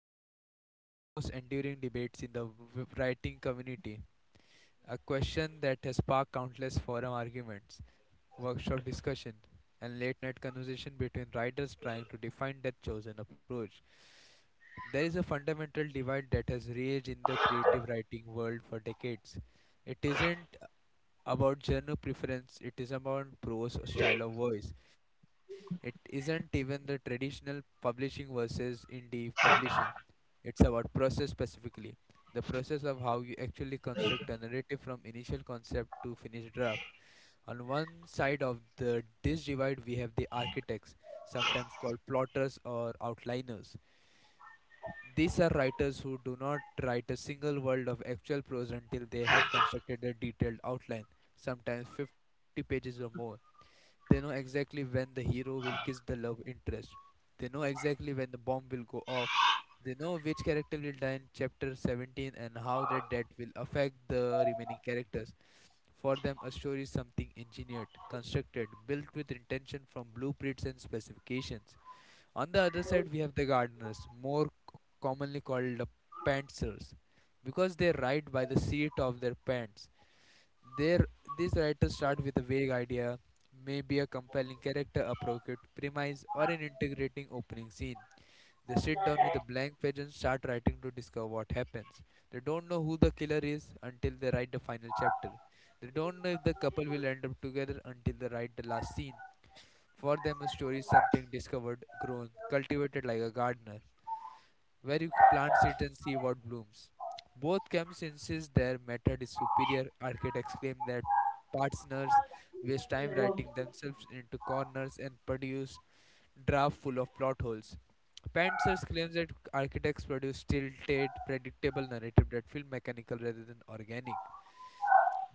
we are exploring one of the most enduring debates in the writing community, a question that has sparked countless forum arguments, workshop discussion, and late night conversation between writers trying to define their chosen approach. There is a fundamental divide that has raged in the creative writing world for decades. It isn't about genre preference, it is about prose style of voice. It isn't even the traditional publishing versus indie publishing. It's about process specifically. The process of how you actually construct a narrative from initial concept to finished draft. On one side of the this divide we have the architects, sometimes called plotters or outliners, these are writers who do not write a single word of actual prose until they have constructed a detailed outline, sometimes 50 pages or more. They know exactly when the hero will kiss the love interest. They know exactly when the bomb will go off. They know which character will die in chapter 17 and how their death will affect the remaining characters. For them, a story is something engineered, constructed, built with intention from blueprints and specifications. On the other side, we have the gardeners, more commonly called the pantsers, because they write by the seat of their pants. Their, these writers start with a vague idea, maybe a compelling character, a provocative premise, or an integrating opening scene. They sit down with a blank page and start writing to discover what happens. They don't know who the killer is until they write the final chapter. They don't know if the couple will end up together until they write the last scene. For them, a story is something discovered, grown, cultivated like a gardener, where you plant seeds and see what blooms. Both camps insist their method is superior. Architects claim that partners waste time writing themselves into corners and produce draft full of plot holes. Pantsers claims that architects produce tilted, predictable narrative that feel mechanical rather than organic.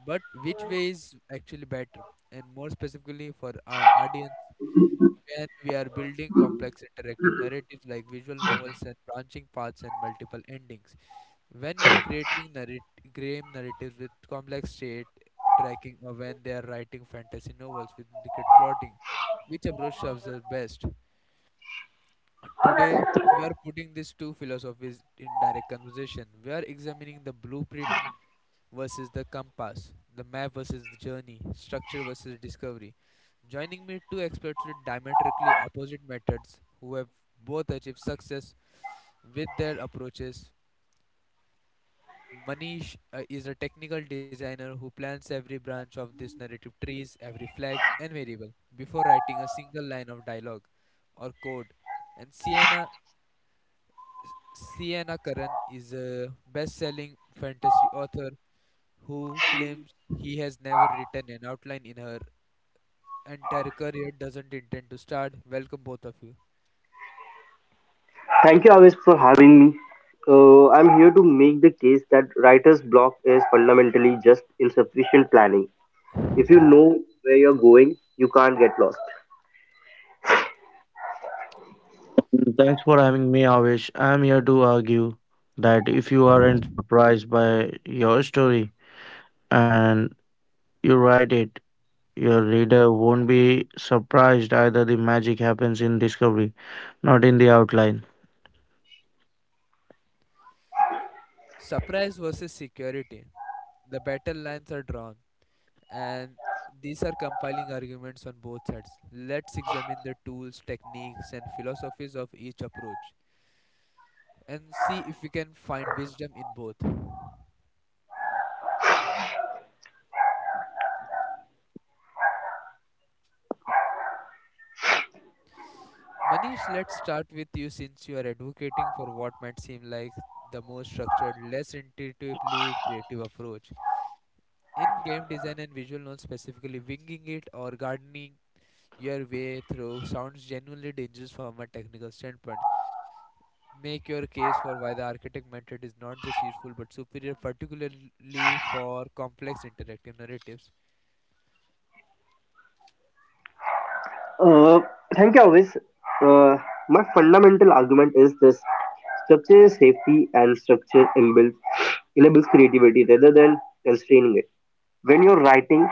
But which way is actually better? And more specifically, for our audience, when we are building complex interactive narratives like visual novels and branching paths and multiple endings. When we are creating game narratives with complex state tracking, or when they are writing fantasy novels with intricate plotting. Which approach serves us best? Today, we are putting these two philosophies in direct conversation. We are examining the blueprint versus the compass, the map versus the journey, structure versus discovery. Joining me two experts with diametrically opposite methods who have both achieved success with their approaches. Manish is a technical designer who plans every branch of this narrative trees, every flag and variable before writing a single line of dialogue or code. And Sienna Curran is a best-selling fantasy author who claims he has never written an outline in her entire career, doesn't intend to start. Welcome, both of you. Thank you always for having me. I'm here to make the case that writer's block is fundamentally just insufficient planning. If you know where you're going, you can't get lost. Mm, thanks for having me, Avish. I am here to argue that if you aren't surprised by your story and you write it, your reader won't be surprised either. The magic happens in discovery, not in the outline. Surprise versus security. The battle lines are drawn, and these are compiling arguments on both sides. Let's examine the tools, techniques, and philosophies of each approach and see if we can find wisdom in both. Manish, let's start with you since you are advocating for what might seem like the most structured, less intuitively creative approach. In game design and visual notes specifically, winging it or gardening your way through sounds genuinely dangerous from a technical standpoint. Make your case for why the architect method is not just useful but superior, particularly for complex interactive narratives. Uh, thank you always. Uh, my fundamental argument is this: structure is safety, and structure enables creativity rather than constraining it. When you're writing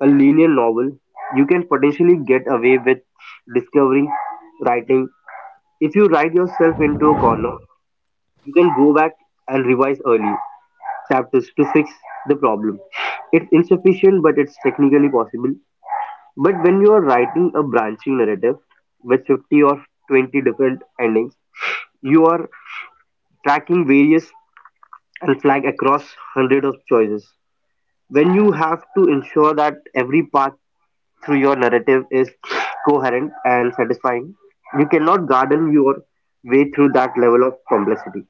a linear novel, you can potentially get away with discovering writing. If you write yourself into a corner, you can go back and revise early chapters to fix the problem. It's insufficient, but it's technically possible. But when you are writing a branching narrative with 50 or 20 different endings, you are tracking various and flag across hundreds of choices. When you have to ensure that every path through your narrative is coherent and satisfying, you cannot garden your way through that level of complexity.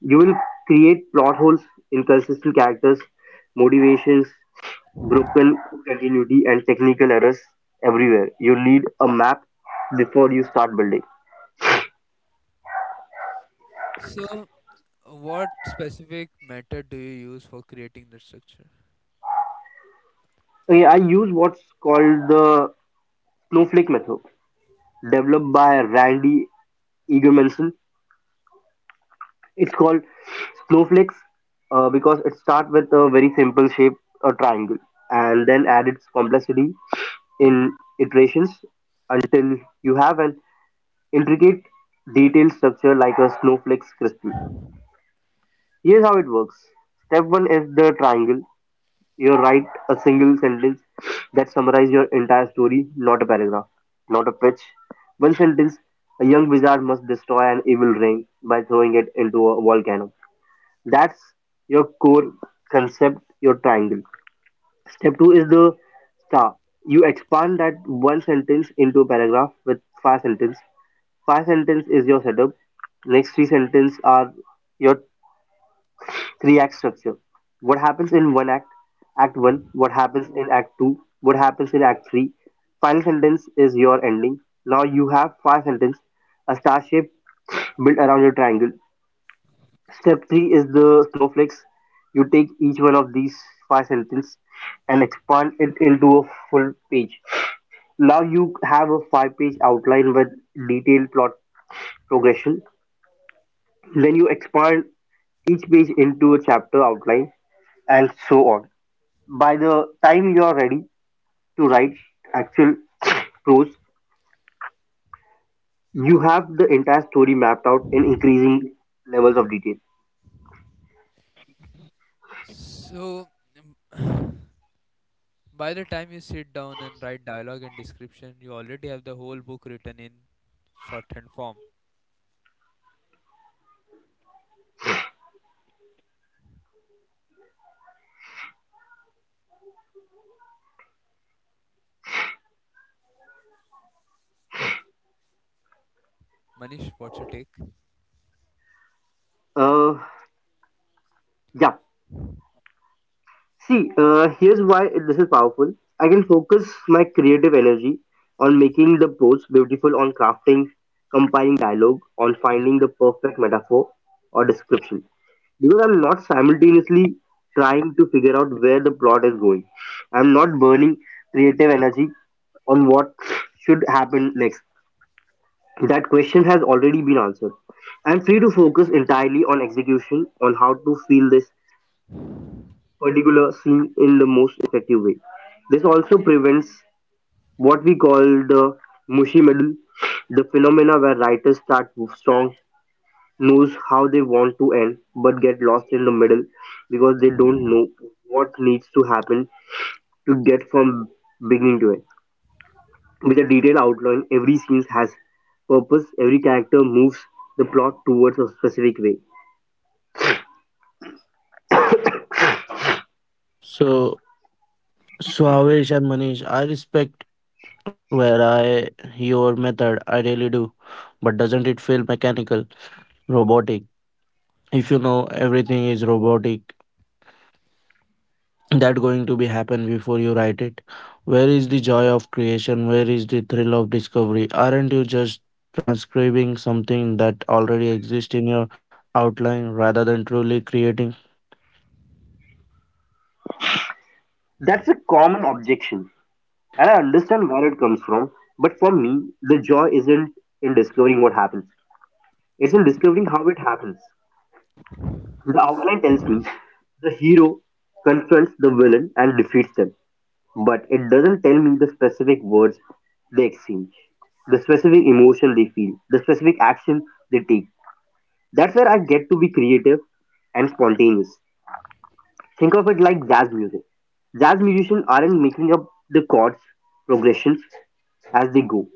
You will create plot holes, inconsistent characters, motivations, broken continuity, and technical errors everywhere. You need a map before you start building. So, what specific method do you use for creating the structure? Okay, I use what's called the snowflake method, developed by Randy Eaglemanson. It's called snowflakes because it starts with a very simple shape, a triangle, and then add its complexity in iterations until you have an intricate detailed structure like a snowflake's crystal. Here's how it works. Step one is the triangle. You write a single sentence that summarizes your entire story, not a paragraph, not a pitch. One sentence, a young wizard must destroy an evil ring by throwing it into a volcano. That's your core concept, your triangle. Step two is the star. You expand that one sentence into a paragraph with five sentence. Five sentence is your setup. Next three sentence are your three act structure. What happens in one act? Act one. What happens in act two? What happens in act three? Final sentence is your ending. Now you have five sentence, a star shape built around your triangle. Step three is the slow flex. You take each one of these five sentences and expand it into a full page. Now you have a five-page outline with detailed plot progression. Then you expand each page into a chapter outline and so on. By the time you are ready to write actual prose, you have the entire story mapped out in increasing levels of detail. So, by the time you sit down and write dialogue and description, you already have the whole book written in shorthand form. Manish, what's your take? Uh, yeah. Here's why this is powerful. I can focus my creative energy on making the prose beautiful, on crafting, compiling dialogue, on finding the perfect metaphor or description. Because I'm not simultaneously trying to figure out where the plot is going. I'm not burning creative energy on what should happen next. That question has already been answered. I'm free to focus entirely on execution, on how to feel this particular scene in the most effective way. This also prevents what we call the mushy middle, the phenomena where writers start strong, knows how they want to end, but get lost in the middle because they don't know what needs to happen to get from beginning to end. With a detailed outline, every scene has purpose, every character moves the plot towards a specific way. So, so, Avish and Manish, I respect where I your method. I really do, but doesn't it feel mechanical, robotic? If you know everything is robotic that going to be happen before you write it, where is the joy of creation, where is the thrill of discovery? Aren't you just transcribing something that already exists in your outline rather than truly creating? That's a common objection. And I understand where it comes from, but for me, the joy isn't in discovering what happens, it's in discovering how it happens. The outline tells me the hero confronts the villain and defeats them, but it doesn't tell me the specific words they exchange, the specific emotion they feel, the specific action they take. That's where I get to be creative and spontaneous. Think of it like jazz music. Jazz musicians aren't making up the chords progressions as they go.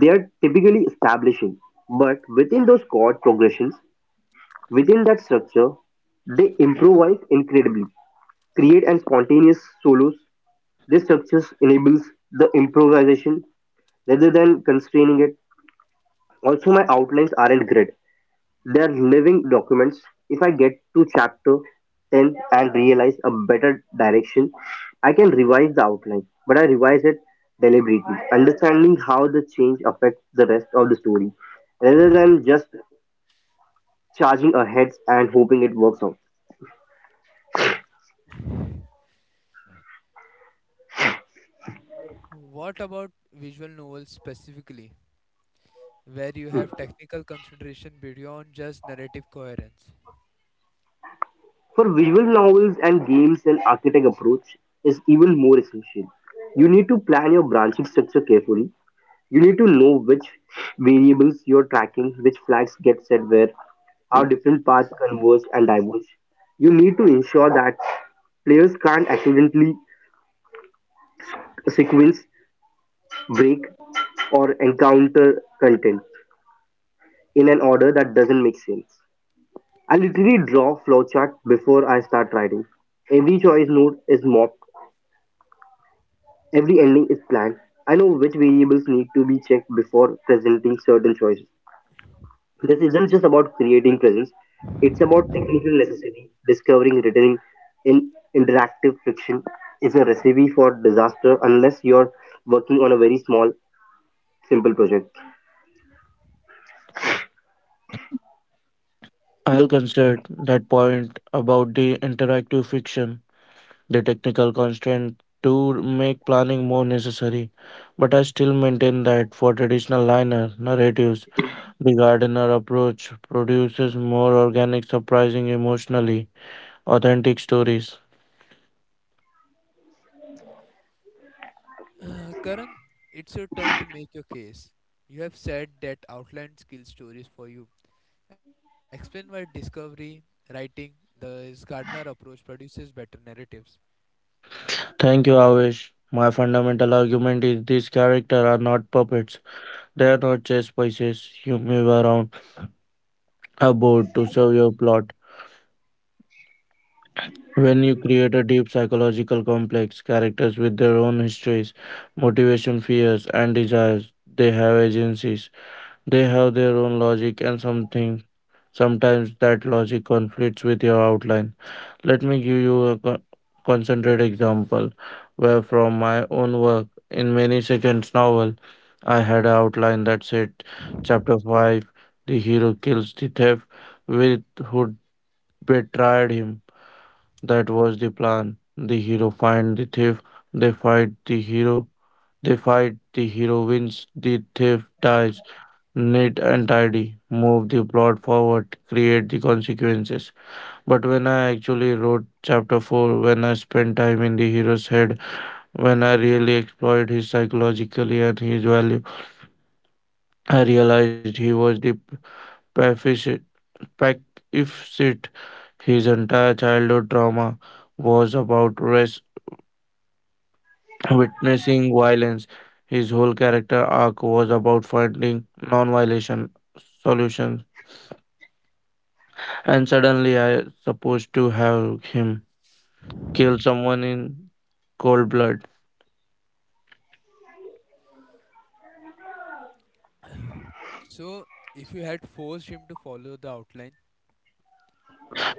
They are typically establishing, but within those chord progressions, within that structure, they improvise incredibly, create and spontaneous solos. This structure enables the improvisation rather than constraining it. Also, my outlines aren't grid. They're living documents. If I get to chapter 10 and realize a better direction, I can revise the outline, but I revise it deliberately, understanding how the change affects the rest of the story, rather than just charging ahead and hoping it works out. What about visual novels specifically, where you have technical consideration beyond just narrative coherence? For visual novels and games, an architect approach is even more essential. You need to plan your branching structure carefully. You need to know which variables you're tracking, which flags get set where, how different paths converge and diverge. You need to ensure that players can't accidentally sequence, break, or encounter content in an order that doesn't make sense. I literally draw flowchart before I start writing. Every choice node is mapped, every ending is planned. I know which variables need to be checked before presenting certain choices. This isn't just about creating presence, it's about technical necessity. Discovering written in interactive friction is a recipe for disaster unless you're working on a very small, simple project. I'll concede that point about the interactive fiction. The technical constraint to make planning more necessary, but I still maintain that for traditional liner narratives the gardener approach produces more organic, surprising, emotionally authentic stories. Karan, it's your turn to make your case. You have said that outline skill stories for you. Explain why discovery, writing, the Gardner approach produces better narratives. Thank you, Avish. My fundamental argument is these characters are not puppets. They are not chess pieces you move around a board to serve your plot. When you create a deep psychological complex, characters with their own histories, motivation, fears, and desires, they have agencies. They have their own logic and something. Sometimes that logic conflicts with your outline. Let me give you a concentrated example where from my own work in many seconds novel. I had an outline that said chapter 5, the hero kills the thief with who betrayed him. That was the plan. The hero find the thief, they fight, the hero wins, the thief dies. Neat and tidy, move the plot forward, create the consequences. But when I actually wrote chapter 4, when I spent time in the hero's head, when I really explored his psychologically and his value, I realized he was the pacific- pacificist. His entire childhood trauma was about witnessing violence. His whole character arc was about finding non-violation solutions. And suddenly I supposed to have him kill someone in cold blood. So, if you had forced him to follow the outline,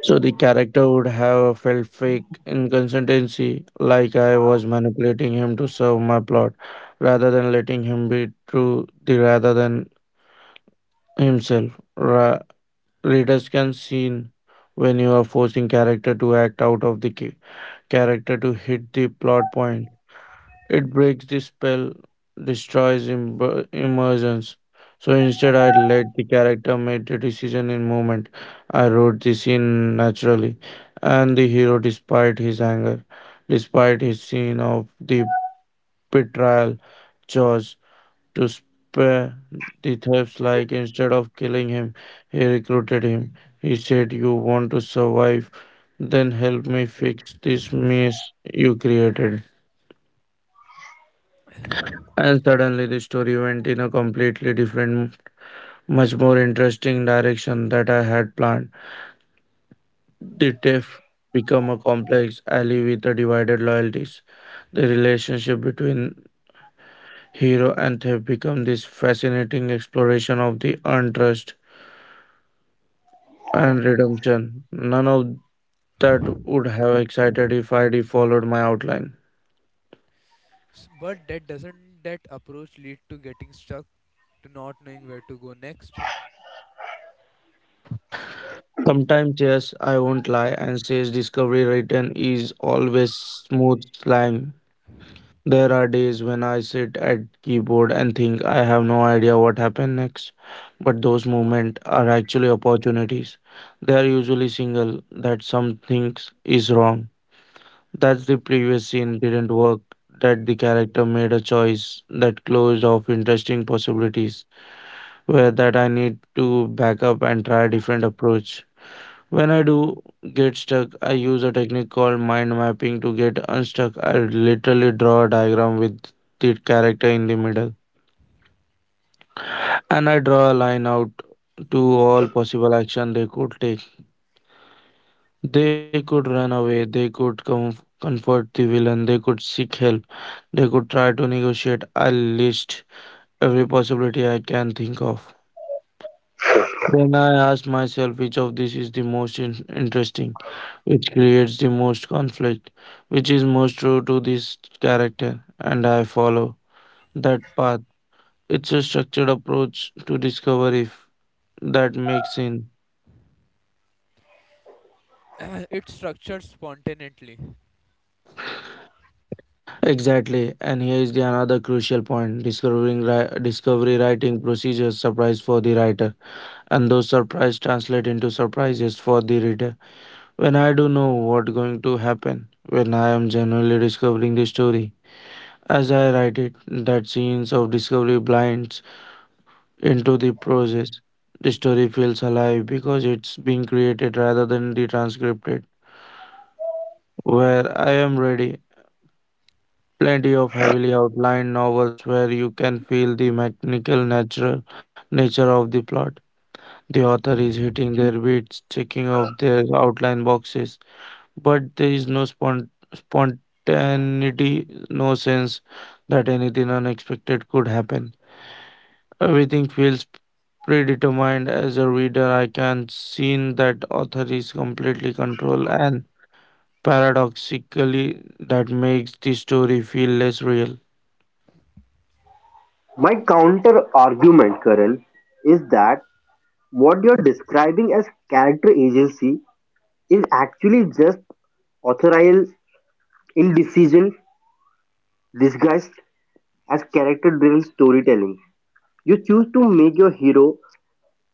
So the character would have felt fake inconsistency, like I was manipulating him to serve my plot, rather than letting him be true the rather than himself. Readers can see when you are forcing character to act out of the character to hit the plot point. It breaks the spell, destroys immersions. So instead, I let the character make the decision in moment. I wrote the scene naturally, and the hero, despite his anger, despite his scene of the betrayal, chose to spare the thieves. Like instead of killing him, he recruited him. He said, "You want to survive? Then help me fix this mess you created." And suddenly the story went in a completely different, much more interesting direction that I had planned. The thief become a complex ally with a divided loyalties. The relationship between hero and thief become this fascinating exploration of the untrust and redemption. None of that would have excited if I'd followed my outline. But that doesn't that approach lead to getting stuck, to not knowing where to go next? Sometimes, yes, I won't lie and says discovery written is always smooth slang. There are days when I sit at keyboard and think I have no idea what happened next, but those moments are actually opportunities. They are usually single that something is wrong, that the previous scene didn't work, that the character made a choice that closed off interesting possibilities, where that I need to back up and try a different approach. When I do get stuck, I use a technique called mind mapping to get unstuck. I literally draw a diagram with the character in the middle and I draw a line out to all possible action they could take. They could run away, they could comfort the villain, they could seek help, they could try to negotiate. I list every possibility I can think of. Then I ask myself which of this is the most interesting, which creates the most conflict, which is most true to this character, and I follow that path. It's a structured approach to discover if that makes sense. It structured spontaneously. Exactly, and here is the another crucial point: discovery writing procedures surprise for the writer, and those surprise translate into surprises for the reader. When I do know what going to happen, when I am genuinely discovering the story, as I write it, that scenes of discovery blinds into the process. The story feels alive because it's being created rather than the transcripted. Where I am ready, plenty of heavily outlined novels where you can feel the mechanical natural nature of the plot. The author is hitting their beats, checking off their outline boxes, but there is no spontaneity, no sense that anything unexpected could happen. Everything feels predetermined. As a reader, I can see that author is completely controlled, and paradoxically that makes the story feel less real. My counter argument, Karan, is that what you're describing as character agency is actually just authorial indecision disguised as character driven storytelling. You choose to make your hero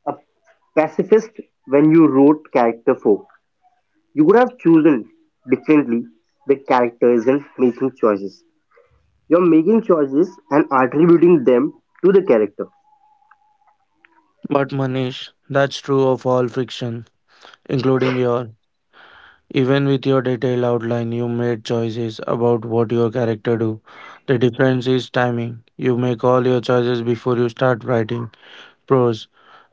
a pacifist when you wrote character 4. You could have chosen differently. The character isn't making choices. You're making choices and attributing them to the character. But Manish, that's true of all fiction, including your. Even with your detailed outline, you made choices about what your character do. The difference is timing. You make all your choices before you start writing prose.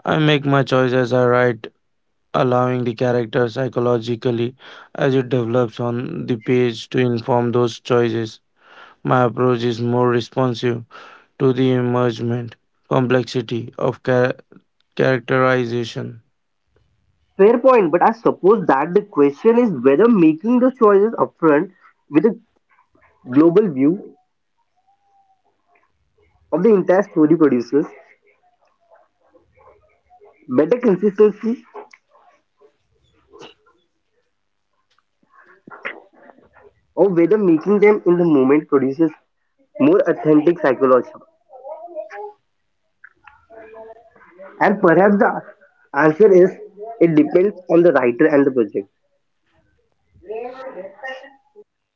I make my choice as I write, allowing the character psychologically as it develops on the page to inform those choices. My approach is more responsive to the emergent complexity of characterization. Fair point, but I suppose that the question is whether making the choices upfront with a global view of the entire story produces better consistency or whether making them in the moment produces more authentic psychology. And perhaps the answer is it depends on the writer and the project.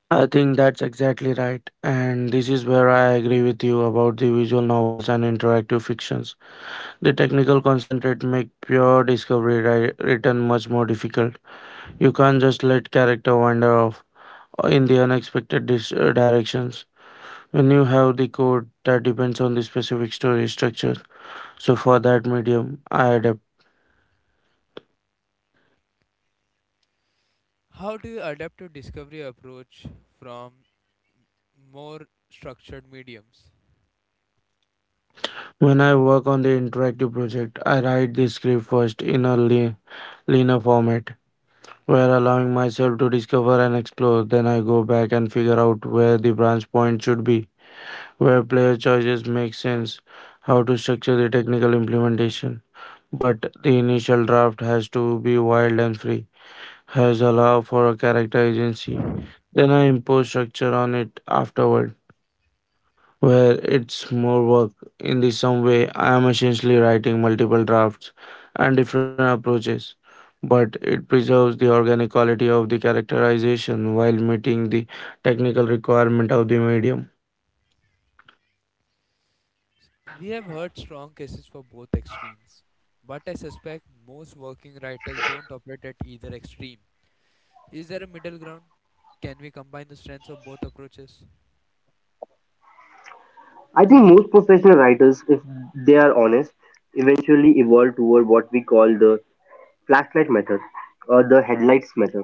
I think that's exactly right, and this is where I agree with you about the visual novels and interactive fictions. The technical concentrate make pure written much more difficult. You can't just let character wander off in the unexpected directions. When you have the code that depends on the specific story structure, so for that medium, I adapt. How do you adapt your discovery approach from more structured mediums? When I work on the interactive project, I write the script first in a leaner format, where allowing myself to discover and explore. Then I go back and figure out where the branch point should be, where player choices make sense, how to structure the technical implementation. But the initial draft has to be wild and free, has allowed for a character agency. Then I impose structure on it afterward, where it's more work. In the some way, I am essentially writing multiple drafts and different approaches, but it preserves the organic quality of the characterization while meeting the technical requirement of the medium. We have heard strong cases for both extremes, but I suspect most working writers don't operate at either extreme. Is there a middle ground? Can we combine the strengths of both approaches? I think most professional writers, if they are honest, eventually evolve toward what we call the flashlight method or the headlights method.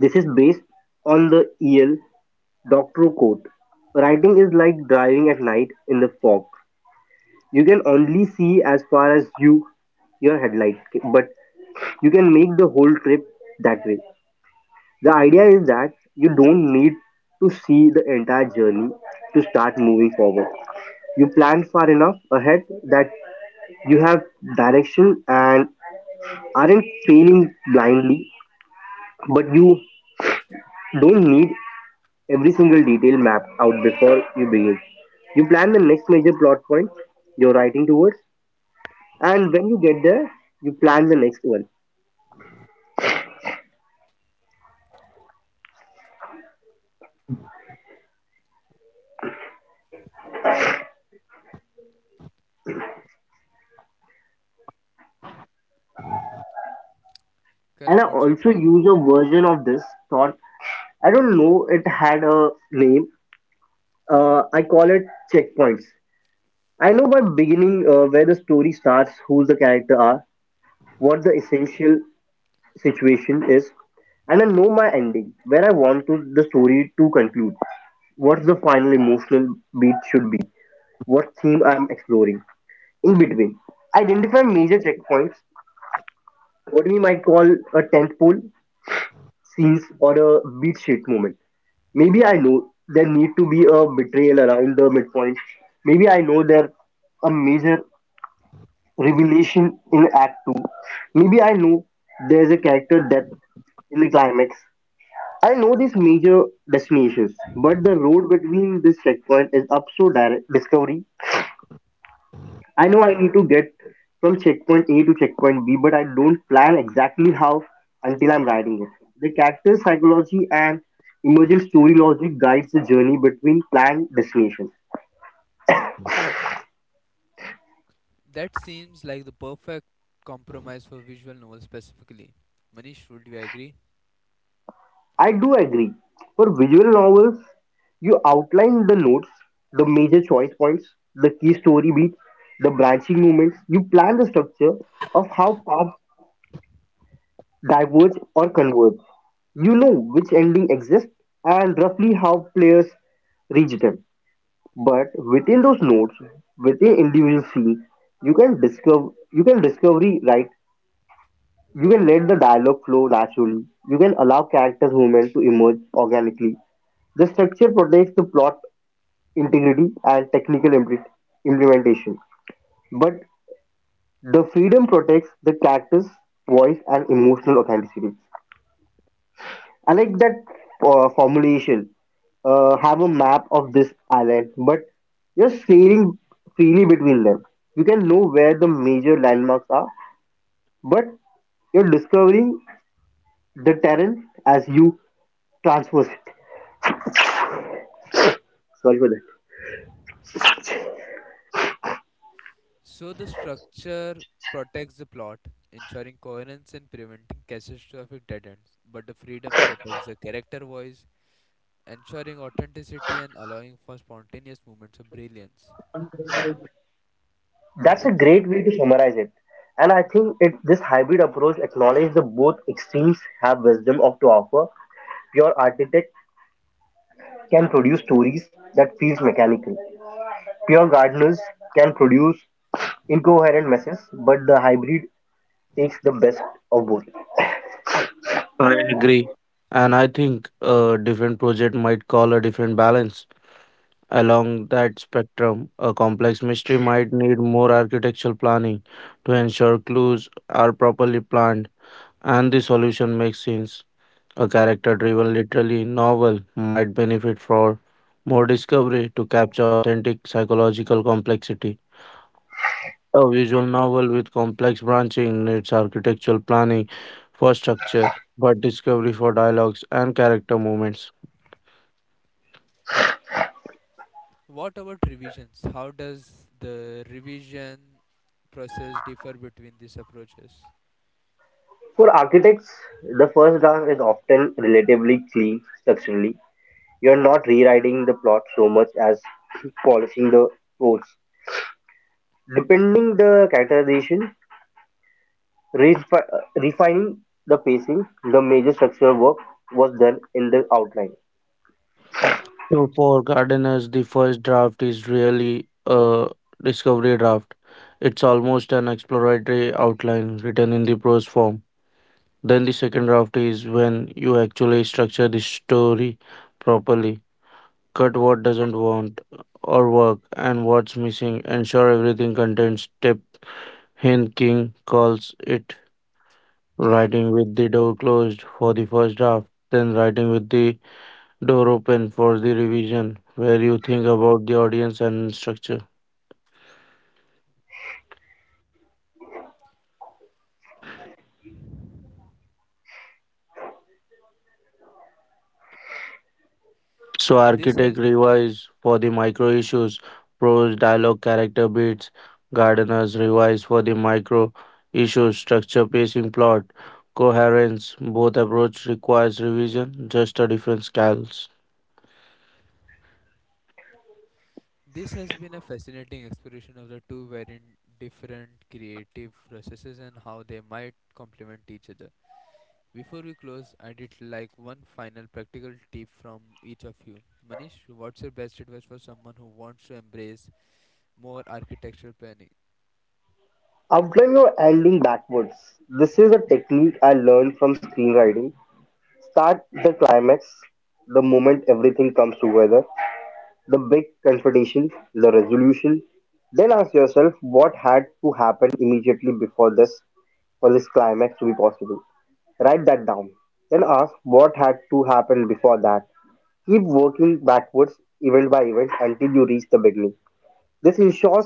This is based on the E.L. Doctorow quote. Writing is like driving at night in the fog. You can only see as far as you your headlights, but you can make the whole trip that way. The idea is that you don't need to see the entire journey to start moving forward. You plan far enough ahead that you have direction and aren't failing blindly, but you don't need every single detail mapped out before you begin. You plan the next major plot point you're writing towards, and when you get there, you plan the next one. And Karan, I what's your also take? use a version of this thought. I don't know it had a name, I call it checkpoints. I know by beginning where the story starts, who the character are, what the essential situation is, and I know my ending, where I want to, the story to conclude, what the final emotional beat should be, what theme I'm exploring. In between, identify major checkpoints, what we might call a tent pole, scenes or a beat-sheet moment. Maybe I know there need to be a betrayal around the midpoint. Maybe I know there a major revelation in Act 2. Maybe I know there's a character death in the climax. I know these major destinations, but the road between this checkpoint is up so direct discovery. I know I need to get from checkpoint A to checkpoint B, but I don't plan exactly how until I'm riding it. The character psychology and emergent story logic guides the journey between planned destinations. That seems like the perfect compromise for visual novels specifically. Manish, would you agree? I do agree. For visual novels, you outline the notes, the major choice points, the key story beats, the branching moments. You plan the structure of how paths diverge or converge. You know which ending exists and roughly how players reach them. But within those notes, within individual scenes, you can discover, you can discovery, right? You can let the dialogue flow naturally. You can allow characters' movement to emerge organically. The structure protects the plot integrity and technical implementation, but the freedom protects the character's voice and emotional authenticity. I like that formulation. Have a map of this island, but you're sailing freely between them. You can know where the major landmarks are, but you're discovering the terrain as you transverse it. Sorry for that. So the structure protects the plot, ensuring coherence and preventing catastrophic dead ends, but the freedom protects the character voice, ensuring authenticity and allowing for spontaneous moments of brilliance. That's a great way to summarize it. And I think it this hybrid approach acknowledges that both extremes have wisdom of to offer. Pure architect can produce stories that feels mechanical. Pure gardeners can produce incoherent messes, but the hybrid takes the best of both. I agree. And I think a different project might call a different balance. Along that spectrum, a complex mystery might need more architectural planning to ensure clues are properly planned and the solution makes sense. A character driven literary novel might benefit from more discovery to capture authentic psychological complexity. A visual novel with complex branching needs architectural planning for structure, but discovery for dialogues and character movements. What about revisions? How does the revision process differ between these approaches? For architects, the first draft is often relatively clean structurally. You're not rewriting the plot so much as polishing the quotes. Depending the characterization, refining the pacing, the major structural work was done in the outline. So for gardeners, the first draft is really a discovery draft. It's almost an exploratory outline written in the prose form. Then the second draft is when you actually structure the story properly. Cut what doesn't want or work and what's missing. Ensure everything contains step. Hen King calls it writing with the door closed for the first draft, then writing with the door open for the revision where you think about the audience and structure. So This has architect revise for the micro issues, prose, dialogue, character beats, gardeners revise for the micro issues, structure, pacing, plot, coherence. Both approach requires revision, just a different scales. this has been a fascinating exploration of the two very different creative processes and how they might complement each other. Before we close, I'd it like one final practical tip from each of you. Manish, what's your best advice for someone who wants to embrace more architectural planning? Outline your ending backwards. This is a technique I learned from screenwriting. Start the climax, the moment everything comes together, the big confrontation, the resolution. Then ask yourself what had to happen immediately before this for this climax to be possible. Write that down. Then ask what had to happen before that. Keep working backwards event by event until you reach the beginning. This ensures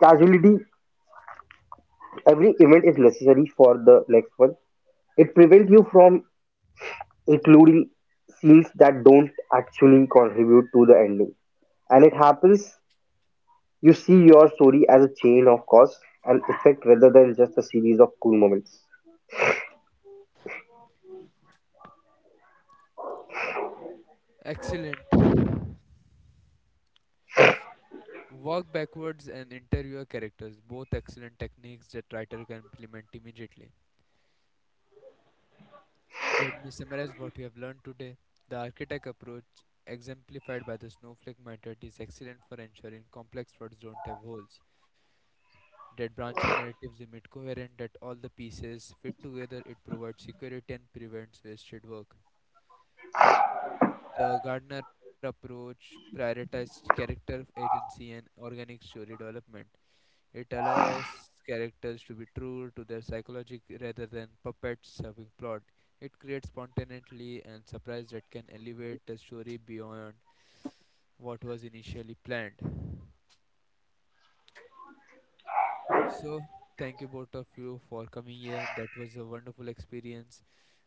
casualty. Every event is necessary for the next one. It prevents you from including scenes that don't actually contribute to the ending. And it happens you see your story as a chain of cause and effect rather than just a series of cool moments. Excellent. Walk backwards and interview your characters, both excellent techniques that writer can implement immediately. Let me summarize what we have learned today. The architect approach, exemplified by the snowflake method, is excellent for ensuring complex plots don't have holes. That branching narratives emit coherent, that all the pieces fit together, it provides security and prevents wasted work. The Gardner approach prioritizes character agency and organic story development. It allows characters to be true to their psychology rather than puppets serving plot. It creates spontaneity and surprise that can elevate the story beyond what was initially planned. So, thank you both of you for coming here. That was a wonderful experience.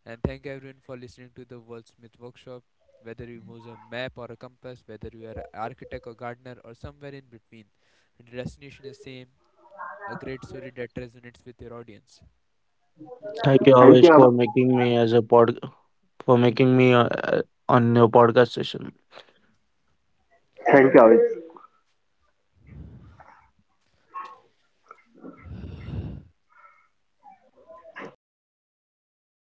And thank everyone for listening to the Worldsmith Workshop. Whether you use a map or a compass, whether you are an architect or gardener or somewhere in between, the destination is same, a great story that resonates with your audience. Thank you always Thank for you. Ab- making me as a pod for making me on your podcast session. Thank you, Abid.